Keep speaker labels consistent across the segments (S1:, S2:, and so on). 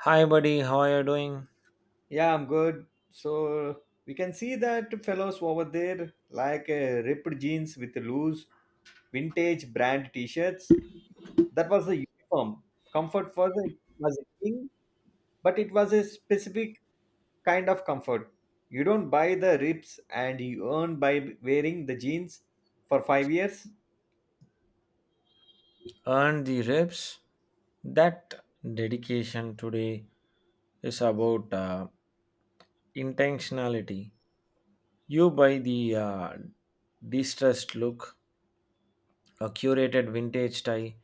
S1: Hi, buddy. How are you doing?
S2: Yeah, I'm good. So we can see that fellows over there like ripped jeans with loose vintage brand t-shirts. That was the uniform. Comfort was the was a thing, but it was a specific kind of comfort. You don't buy the rips and you earn by wearing the jeans for 5 years.
S1: Earn the reps. That dedication today is about intentionality. You buy the distressed look, a curated vintage tie,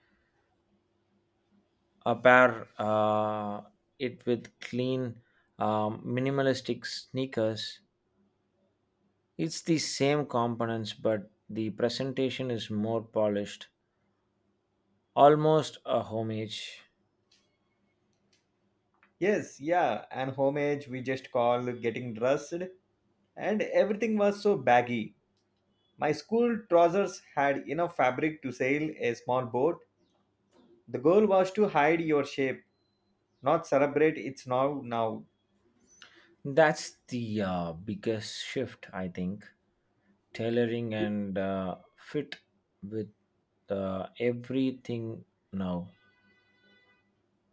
S1: a pair it with clean, minimalistic sneakers. It's the same components, but the presentation is more polished, almost a homage.
S2: Yes, yeah, and homage we just call getting dressed, and everything was so baggy. My school trousers had enough fabric to sail a small boat. The goal was to hide your shape, not celebrate its now.
S1: That's the biggest shift, I think. Tailoring and fit with everything now.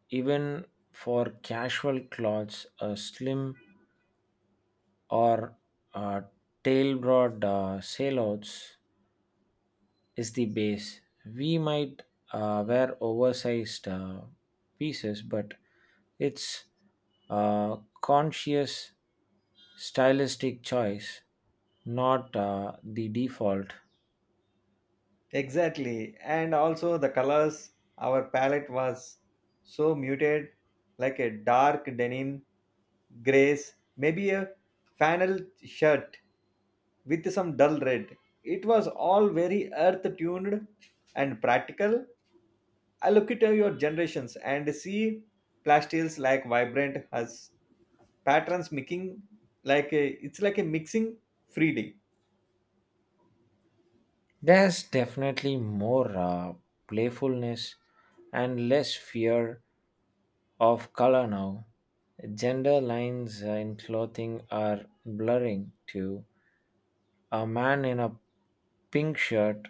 S1: Even for casual clothes, a slim or uh, tail broad sailouts is the base. We might wear oversized pieces, but it's uh, conscious stylistic choice, not the default.
S2: Exactly. And also the colors, our palette was so muted, like a dark denim, grays, maybe a flannel shirt with some dull red. It was all very earth tuned and practical. I look at your generations and see plastils like vibrant hues, patterns mixing like a, it's like a mixing freely.
S1: There's definitely more playfulness and less fear of color now. Gender lines in clothing are blurring too. A man in a pink shirt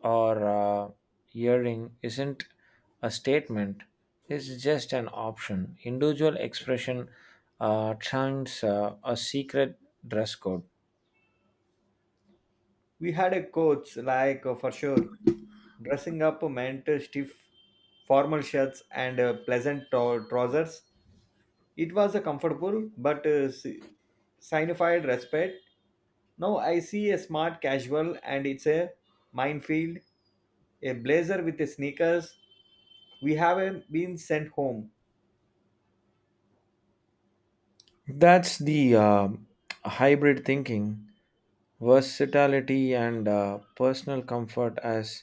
S1: or earring isn't a statement, it's just an option. Individual expression turns a secret dress code.
S2: We had a coach like for sure dressing up meant stiff formal shirts and pleasant trousers. It was a comfortable but signified respect. Now I see a smart casual and it's a minefield, a blazer with a sneakers. We haven't been sent home.
S1: That's the hybrid thinking, versatility, and personal comfort as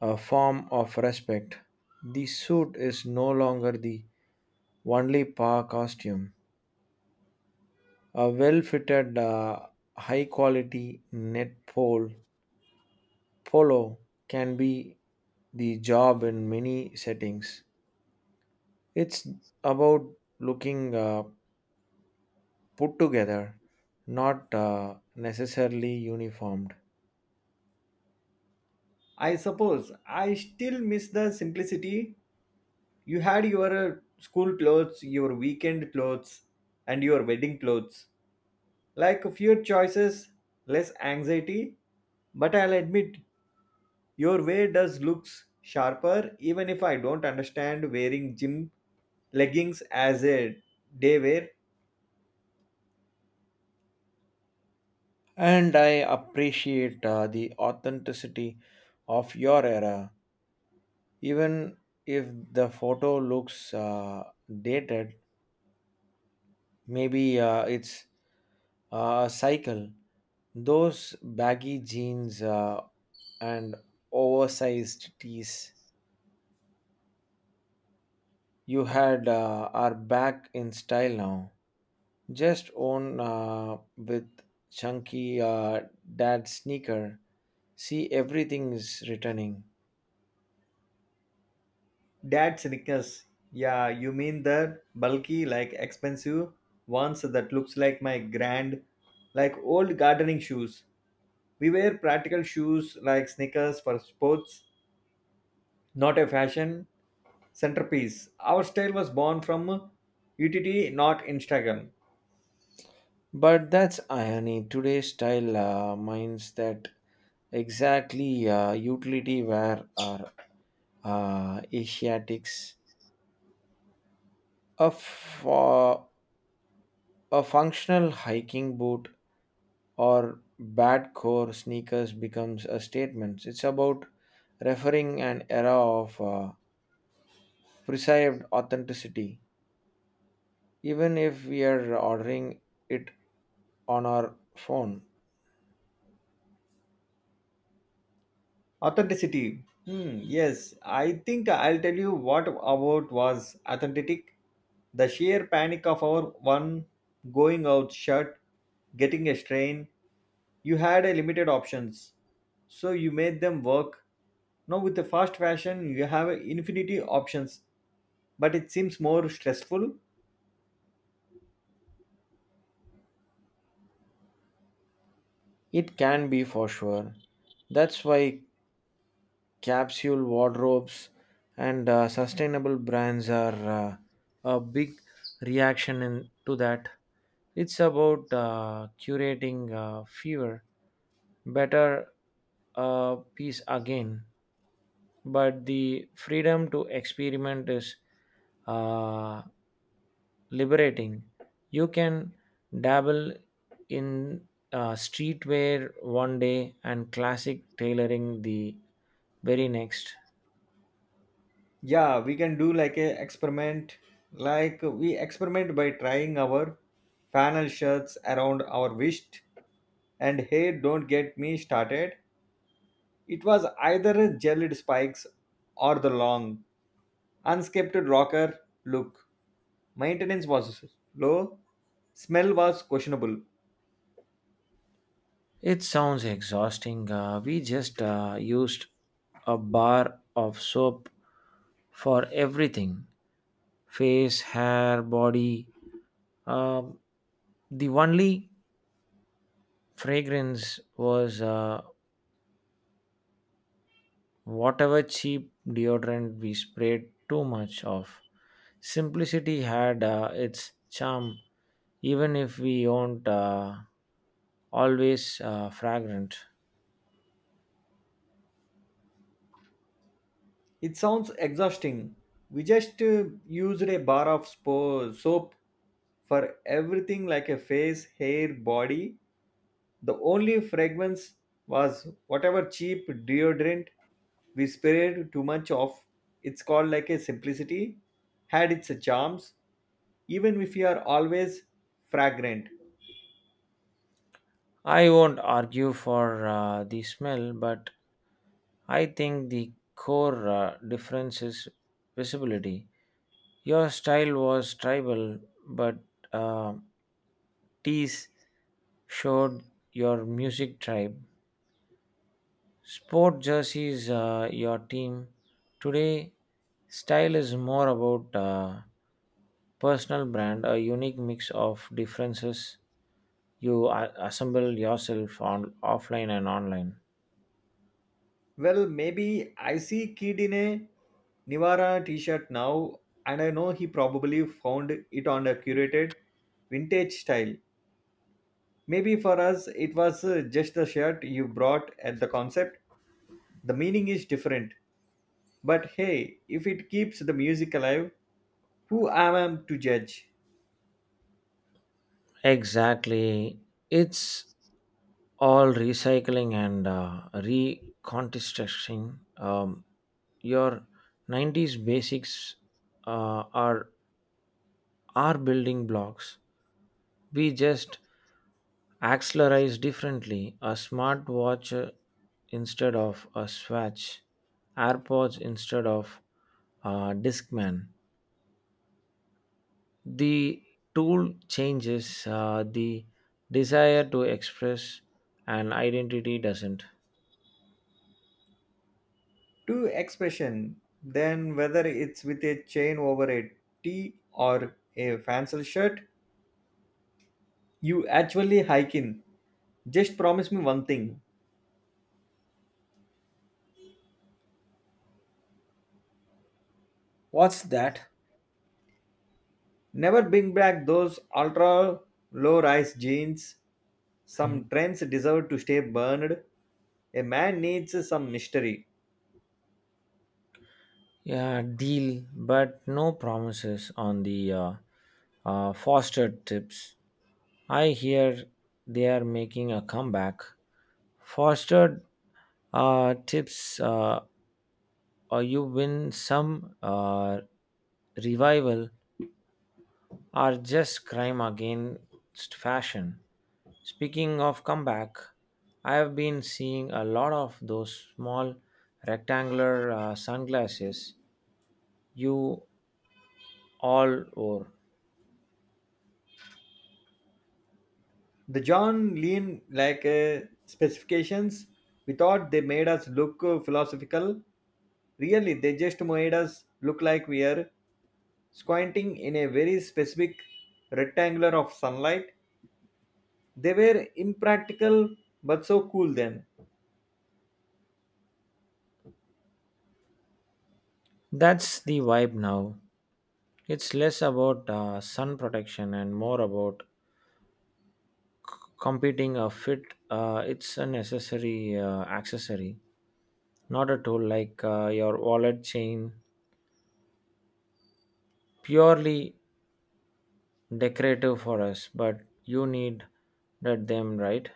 S1: a form of respect. The suit is no longer the only power costume. A well fitted, high quality net pole follow can be the job in many settings. It's about looking put together, not necessarily uniformed.
S2: I suppose I still miss the simplicity. You had your school clothes, your weekend clothes, and your wedding clothes. Like fewer choices, less anxiety. But I'll admit, your way does looks sharper, even if I don't understand wearing gym leggings as a day wear.
S1: And I appreciate the authenticity of your era, even if the photo looks dated. Maybe it's a cycle. Those baggy jeans and oversized tees you had are back in style now. Just own with chunky dad sneaker. See, everything is returning.
S2: Dad sneakers. Yeah, you mean the bulky, like expensive ones that looks like my grand, like old gardening shoes. We wear practical shoes like sneakers for sports, not a fashion centerpiece. Our style was born from UTT, not Instagram.
S1: But that's irony. Today's style minds that exactly utility wear are Asiatics. A, f- uh, a functional hiking boot or bad core sneakers becomes a statement. It's about referring an era of. Perceived authenticity. Even if we are ordering it on our phone,
S2: Authenticity. Hmm, yes, I think I'll tell you what about was authentic. The sheer panic of our one going out shirt, getting a strain. You had a limited options, so you made them work. Now with the fast fashion, you have infinity options, but it seems more stressful.
S1: it can be for sure. That's why capsule wardrobes and sustainable brands are a big reaction in, to that. It's about curating fewer, better piece again. But the freedom to experiment is uh, liberating. You can dabble in streetwear one day and classic tailoring the very next.
S2: Yeah, we can do like a experiment, like we experiment by trying our flannel shirts around our wrist. And hey, don't get me started. It was either a gelled spikes or the long unscaped rocker look. Maintenance was low, smell was questionable.
S1: It sounds exhausting. We just used a bar of soap for everything face, hair, body. Um the only fragrance was whatever cheap deodorant we sprayed too much of. Simplicity had its charm, even if we weren't always fragrant.
S2: It sounds exhausting. We just used a bar of soap for everything, like a face, hair, body. The only fragrance was whatever cheap deodorant we sprayed too much of. It's called like a simplicity, had its charms, even if you are always fragrant.
S1: I won't argue for the smell, but I think the core difference is visibility. Your style was tribal, but uh, tees showed your music tribe. Sport jerseys, your team today style is more about personal brand, a unique mix of differences you assemble yourself on offline and online.
S2: Well, maybe I see kid in a Nivara t-shirt now, and I know he probably found it on a curated vintage style. Maybe for us it was just the shirt you brought at the concept. The meaning is different. But hey, if it keeps the music alive, who am I to judge?
S1: Exactly, it's all recycling and reconstructing. Your 90s basics are building blocks. We just accessorized differently, a smartwatch instead of a swatch, AirPods instead of a Discman. The tool changes, the desire to express an identity doesn't.
S2: To expression, then whether it's with a chain over a tee or a fancel shirt, you actually hike in. Just promise me one thing.
S1: What's that?
S2: Never bring back those ultra low rise jeans.
S1: Mhm.
S2: Some trends deserve to stay burned. A man needs some mystery.
S1: Yeah, deal, but no promises on the foster tips. I hear they are making a comeback. Fostered tips or you win some revival are just crime against fashion. Speaking of comeback, I have been seeing a lot of those small rectangular sunglasses you all wore.
S2: The John Lean like specifications, we thought they made us look philosophical. Really, they just made us look like we are squinting in a very specific rectangular of sunlight. They were impractical but so cool then.
S1: That's the vibe now. It's less about sun protection and more about competing a fit. It's a necessary accessory. Not at all like your wallet chain, purely decorative for us, but you need that them, right?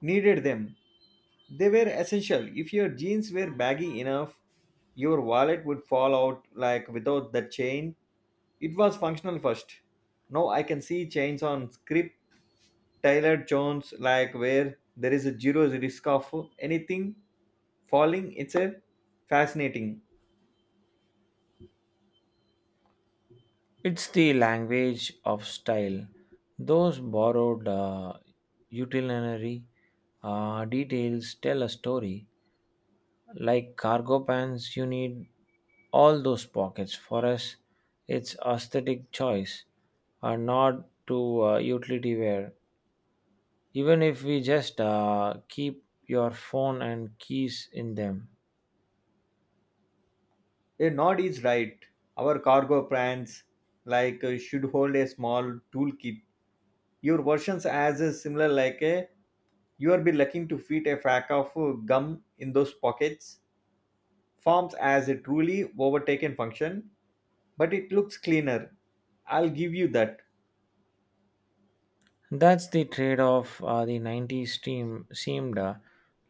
S2: Needed them. They were essential. If your jeans were baggy enough, your wallet would fall out like without the chain. It was functional first. Now I can see chains on script Tyler Jones, like where there is a zero risk of anything falling. It's a fascinating.
S1: It's the language of style. Those borrowed utilitarian details tell a story. Like cargo pants, you need all those pockets. For us, it's aesthetic choice, not to utility wear, even if we just keep your phone and keys in them.
S2: A nod is right. Our cargo plans like should hold a small toolkit. Your versions as a similar like a you are be looking to fit a pack of gum in those pockets. Forms as a truly overtaken function, but it looks cleaner. I'll give you that.
S1: That's the trade off the 90s team seemed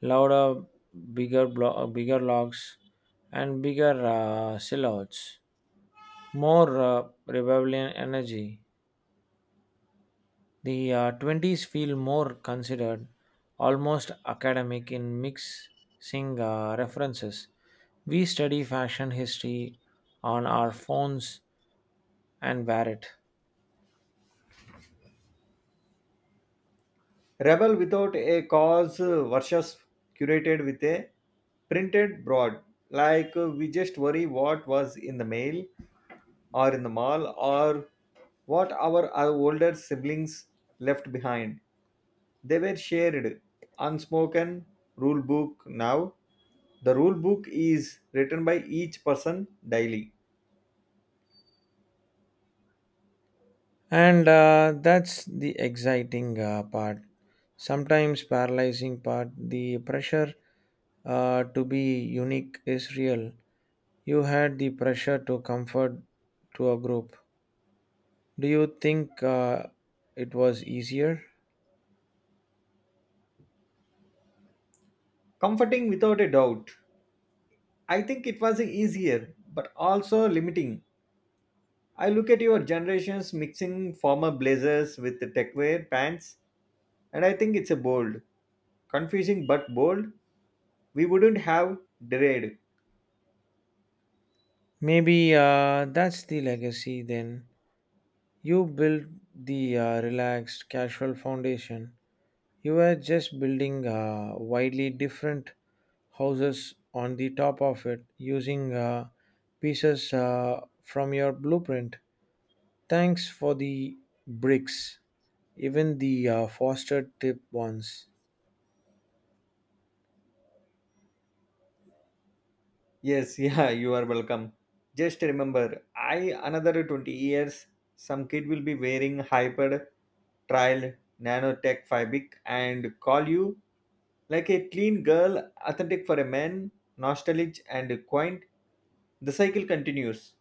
S1: louder, bigger, bigger logs, and bigger silhouettes, more rebellion energy. The 20s feel more considered, almost academic in mixing references. We study fashion history on our phones and wear it.
S2: Rebel without a cause versus curated with a printed broad. Like we just worry what was in the mail or in the mall or what our older siblings left behind. They were shared, unspoken rule book now. The rule book is written by each person daily.
S1: And that's the exciting part, sometimes paralyzing part. The pressure to be unique is real. You had the pressure to comfort to a group. Do you think it was easier?
S2: Comforting without a doubt. I think it was easier but also limiting. I look at your generations mixing former blazers with the tech wear pants, and I think it's a bold, confusing but bold. We wouldn't have dread.
S1: Maybe that's the legacy then. You built the relaxed, casual foundation. You were just building widely different houses on the top of it using pieces from your blueprint. Thanks for the bricks, even the foster tip ones.
S2: Yes, yeah, you are welcome. Just remember, I another 20 years, some kid will be wearing hyper trial nanotech fabric and call you like a clean girl, authentic for a man, nostalgic and quaint. The cycle continues.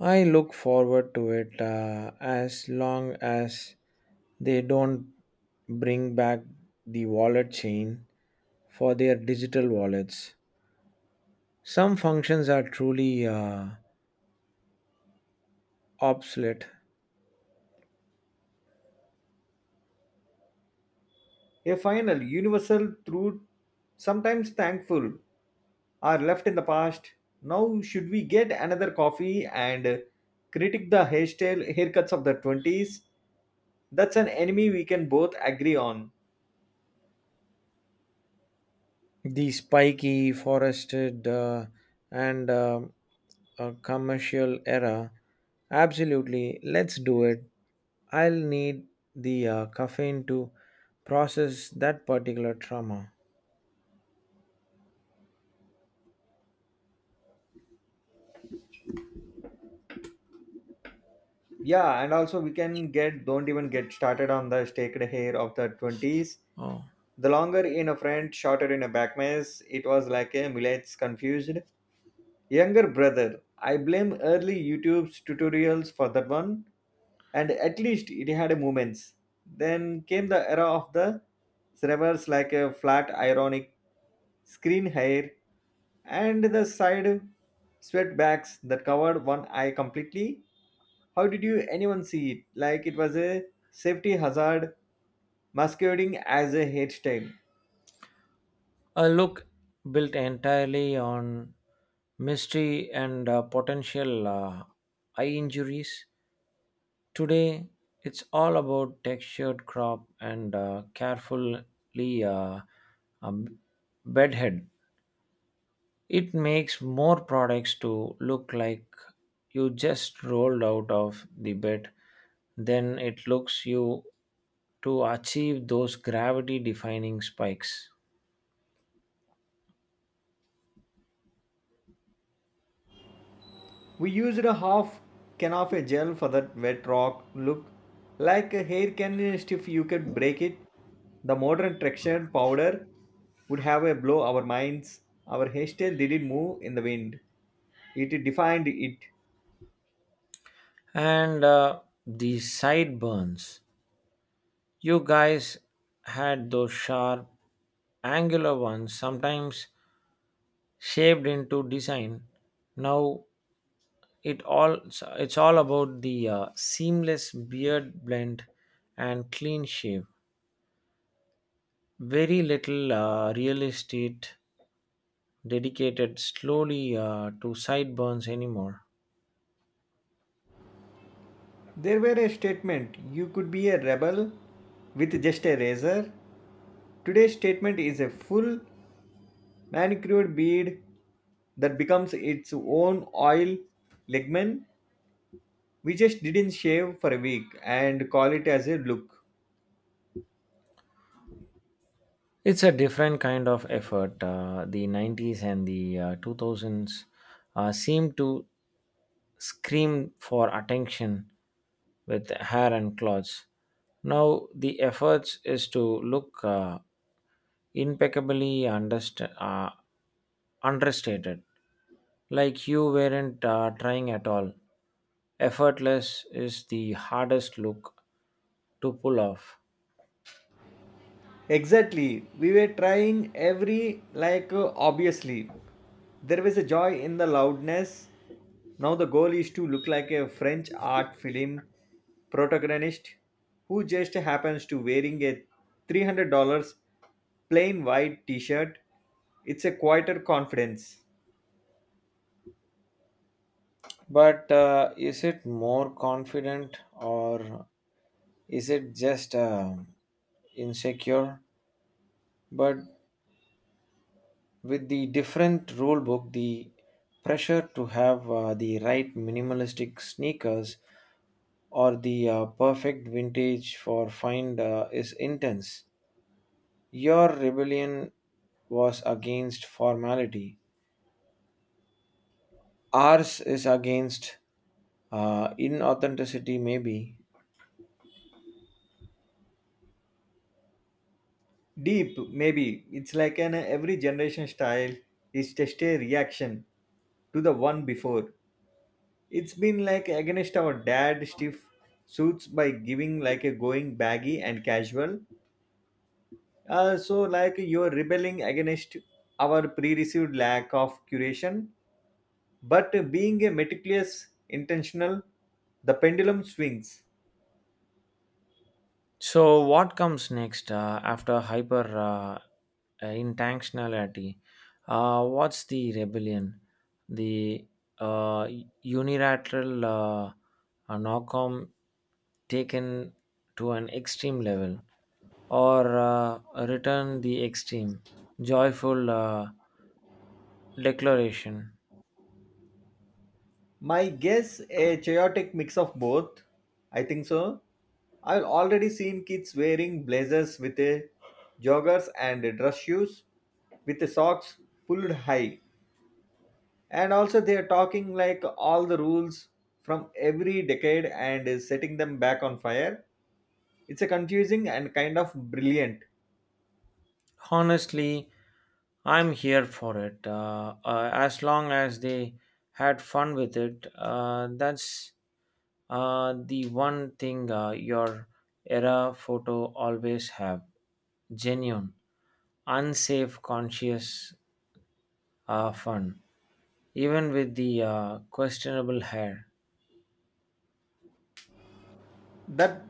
S1: I look forward to it as long as they don't bring back the wallet chain for their digital wallets. Some functions are truly obsolete.
S2: A final, universal, truth, sometimes thankful, are left in the past. Now, should we get another coffee and critique the hairstyle haircuts of the 20s? That's an enemy we can both agree on.
S1: The spiky, forested, and commercial era. Absolutely, let's do it. I'll need the caffeine to process that particular trauma.
S2: Yeah, and also we can get, don't even get started on the staked hair of the 20s.
S1: Oh.
S2: The longer in a front, shorter in a back mess, it was like a millet confused. Younger brother, I blame early YouTube's tutorials for that one, and at least it had moments. Then came the era of the servers like a flat, ironic screen hair and the side sweatbacks that covered one eye completely. How did you anyone see it? Like it was a safety hazard masquerading as a hairstyle.
S1: A look built entirely on mystery and potential eye injuries. Today, it's all about textured crop and carefully um, bedhead. It makes more products to look like you just rolled out of the bed then it looks you to achieve those gravity defining spikes.
S2: We used a half can of a gel for that wet rock look, like a hair can if you could break it. The modern traction powder would have a blow our minds. Our hairstyle didn't move in the wind. It defined it.
S1: And the sideburns. You guys had those sharp angular ones sometimes shaped into design. Now it all it's all about the seamless beard blend and clean shave. Very little real estate dedicated slowly to sideburns anymore.
S2: There were a statement. You could be a rebel with just a razor. Today's statement is a full manicured bead that becomes its own oil ligament. We just didn't shave for a week and call it as a look.
S1: It's a different kind of effort. The 90s and the 2000s seem to screamed for attention with hair and clothes. Now the efforts is to look impeccably understated, like you weren't trying at all. Effortless is the hardest look to pull off.
S2: Exactly. We were trying every, like, obviously. There was a joy in the loudness. Now the goal is to look like a French art film protagonist who just happens to wearing a $300 plain white t-shirt. It's a quieter confidence.
S1: But is it more confident or is it just insecure? But with the different rule book the pressure to have the right minimalistic sneakers or the perfect vintage for find is intense. Your rebellion was against formality, ours is against inauthenticity maybe.
S2: Deep, maybe. It's like an every generation style is just a reaction to the one before. It's been like against our dad stiff suits by giving like a going baggy and casual. So like you're rebelling against our pre-received lack of curation, but being a meticulous, intentional, the pendulum swings.
S1: So, what comes next after hyper intentionality? What's the rebellion? The uh, unilateral knockout taken to an extreme level, or return the extreme, joyful declaration.
S2: My guess, a chaotic mix of both. I think so. I've already seen kids wearing blazers with a joggers and dress shoes with the socks pulled high, and also they're talking like all the rules from every decade and is setting them back on fire. It's a confusing and kind of brilliant.
S1: Honestly, I'm here for it. As long as they had fun with it, that's the one thing your era photo always have: genuine, unsafe, conscious fun, even with the questionable hair.
S2: That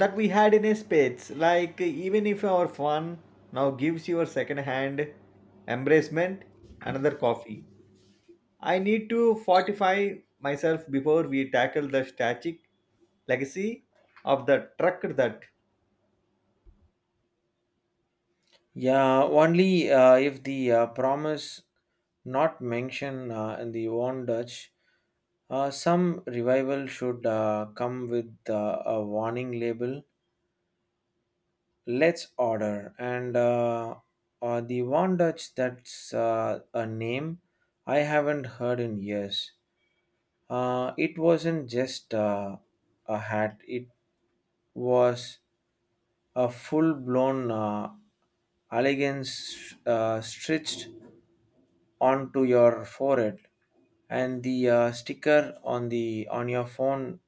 S2: that we had in a spades, like even if our fun now gives you a second hand embracement. Another coffee, I need to fortify myself before we tackle the static legacy of the truck that.
S1: Yeah, only if the promise not mention in the warned Dutch. Some revival should come with a warning label. Let's order and the warned Dutch. That's a name I haven't heard in years. It wasn't just a hat. It was a full-blown elegance stretched onto your forehead, and the sticker on the on your phone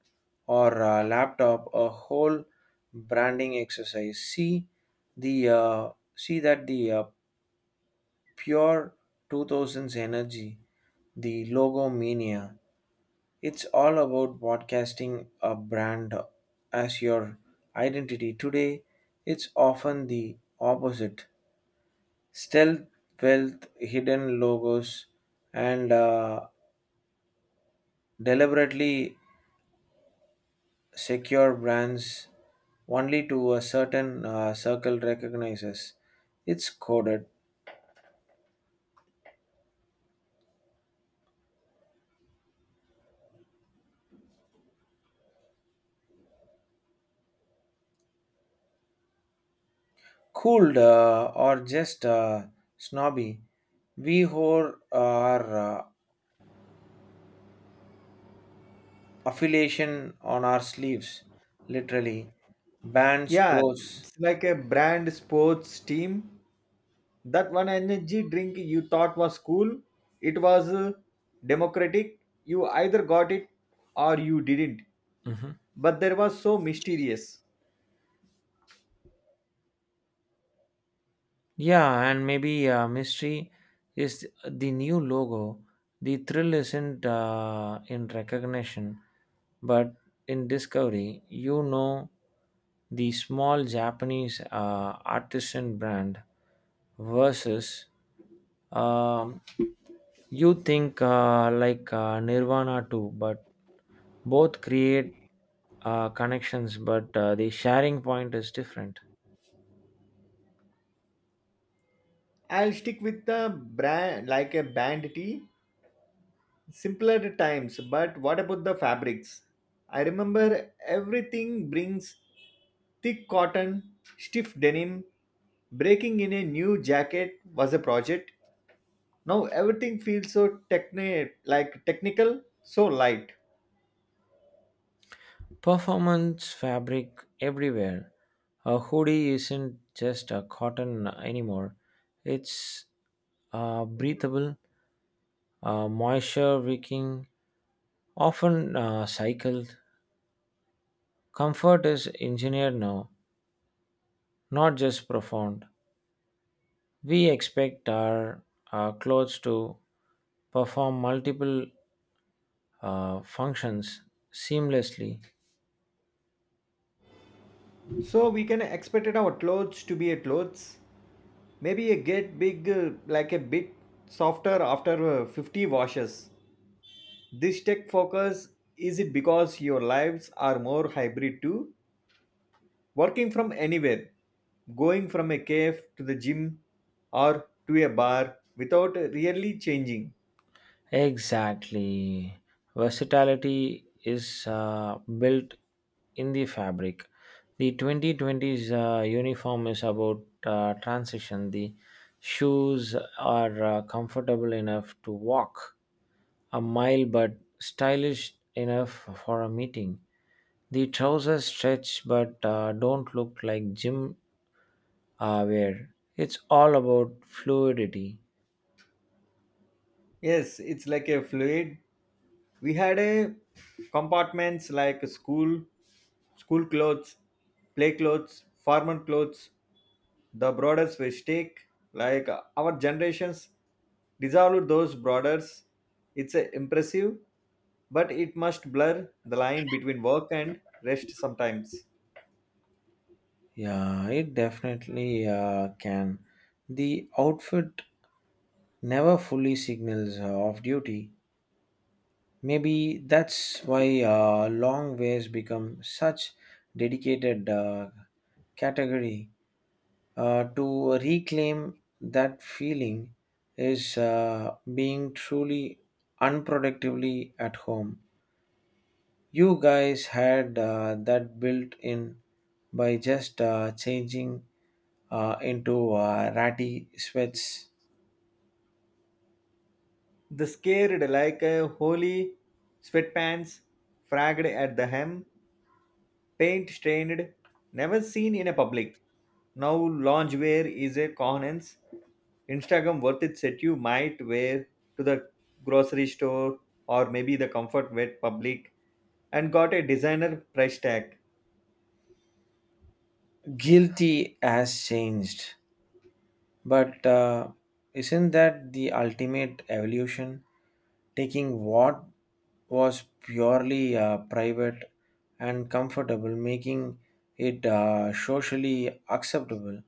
S1: or laptop, a whole branding exercise. The uh, See that the pure 2000s energy, the logo mania. It's all about broadcasting a brand as your identity. Today, it's often the opposite. Stealth wealth, hidden logos, and deliberately secure brands only to a certain circle recognizes. It's coded, cooled, or just snobby. We whore our affiliation on our sleeves, literally. Band
S2: Yeah,
S1: sports,
S2: it's like a brand sports team, that one energy drink you thought was cool. It was democratic. You either got it or you didn't.
S1: mhm.
S2: But there was so mysterious.
S1: Yeah, and maybe mystery is the new logo. The thrill isn't in recognition, but in discovery. You know, the small Japanese artisan brand versus um, you think like Nirvana too, but both create connections, but the sharing point is different.
S2: I'll stick with the brand like a band tee, simpler times. But what about the fabrics? I remember everything brings thick cotton, stiff denim. Breaking in a new jacket was a project. Now everything feels so like technical, so light.
S1: Performance fabric everywhere. A hoodie isn't just a cotton anymore, it's breathable, moisture wicking, often cycled. Comfort is engineered now, not just profound. We expect our clothes to perform multiple functions seamlessly.
S2: So we can expect our clothes to be a clothes. Maybe a get big, like a bit softer after 50 washes. This tech focus, is it because your lives are more hybrid too? Working from anywhere, going from a cave to the gym or to a bar without really changing.
S1: Exactly. Versatility is built in the fabric. The 2020s uniform is about transition. The shoes are comfortable enough to walk a mile but stylish enough for a meeting. The trousers stretch but don't look like gym wear. It's all about fluidity.
S2: Yes, it's like a fluid. We had a compartments like school, school clothes, play clothes, formal clothes, the brothers mistake like our generations dissolved those borders. It's impressive, but it must blur the line between work and rest sometimes.
S1: Yeah, it definitely can. The outfit never fully signals off duty. Maybe that's why long ways become such dedicated category. To reclaim that feeling is being truly unproductively at home. You guys had that built in by just changing into ratty sweats.
S2: The scared like a holy sweatpants fragged at the hem, paint stained, never seen in a public. Now loungewear is a conance. Instagram worth it set you might wear to the grocery store, or maybe the comfort wet public, and got a designer price tag.
S1: Guilty has changed, but isn't that the ultimate evolution? Taking what was purely private and comfortable, making it socially acceptable,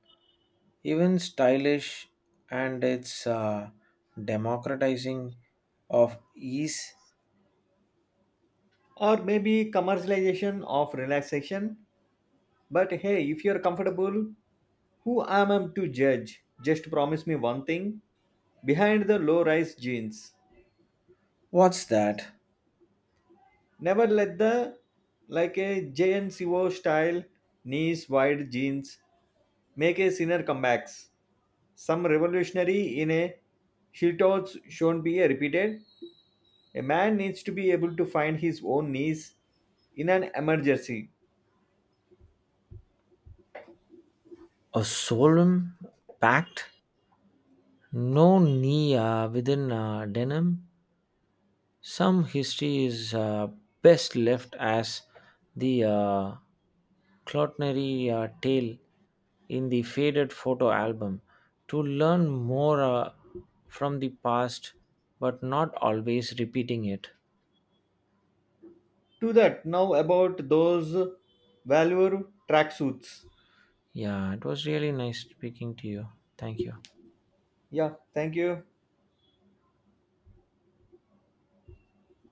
S1: even stylish, and it's democratizing of ease.
S2: Or maybe commercialization of relaxation. But hey, if you're comfortable, who am I to judge? Just promise me one thing, behind the low rise jeans.
S1: What's that?
S2: Never let the like a jnco style knees wide jeans make a sinner comebacks. Some revolutionary in a shiltons shown be a repeated. A man needs to be able to find his own knees in an emergency.
S1: A solemn pact? No knee within denim. Some history is best left as the clotnary tale in the faded photo album. To learn more from the past, but not always repeating it.
S2: To that now about those value tracksuits.
S1: Yeah, it was really nice speaking to you. Thank you.
S2: Yeah, thank you.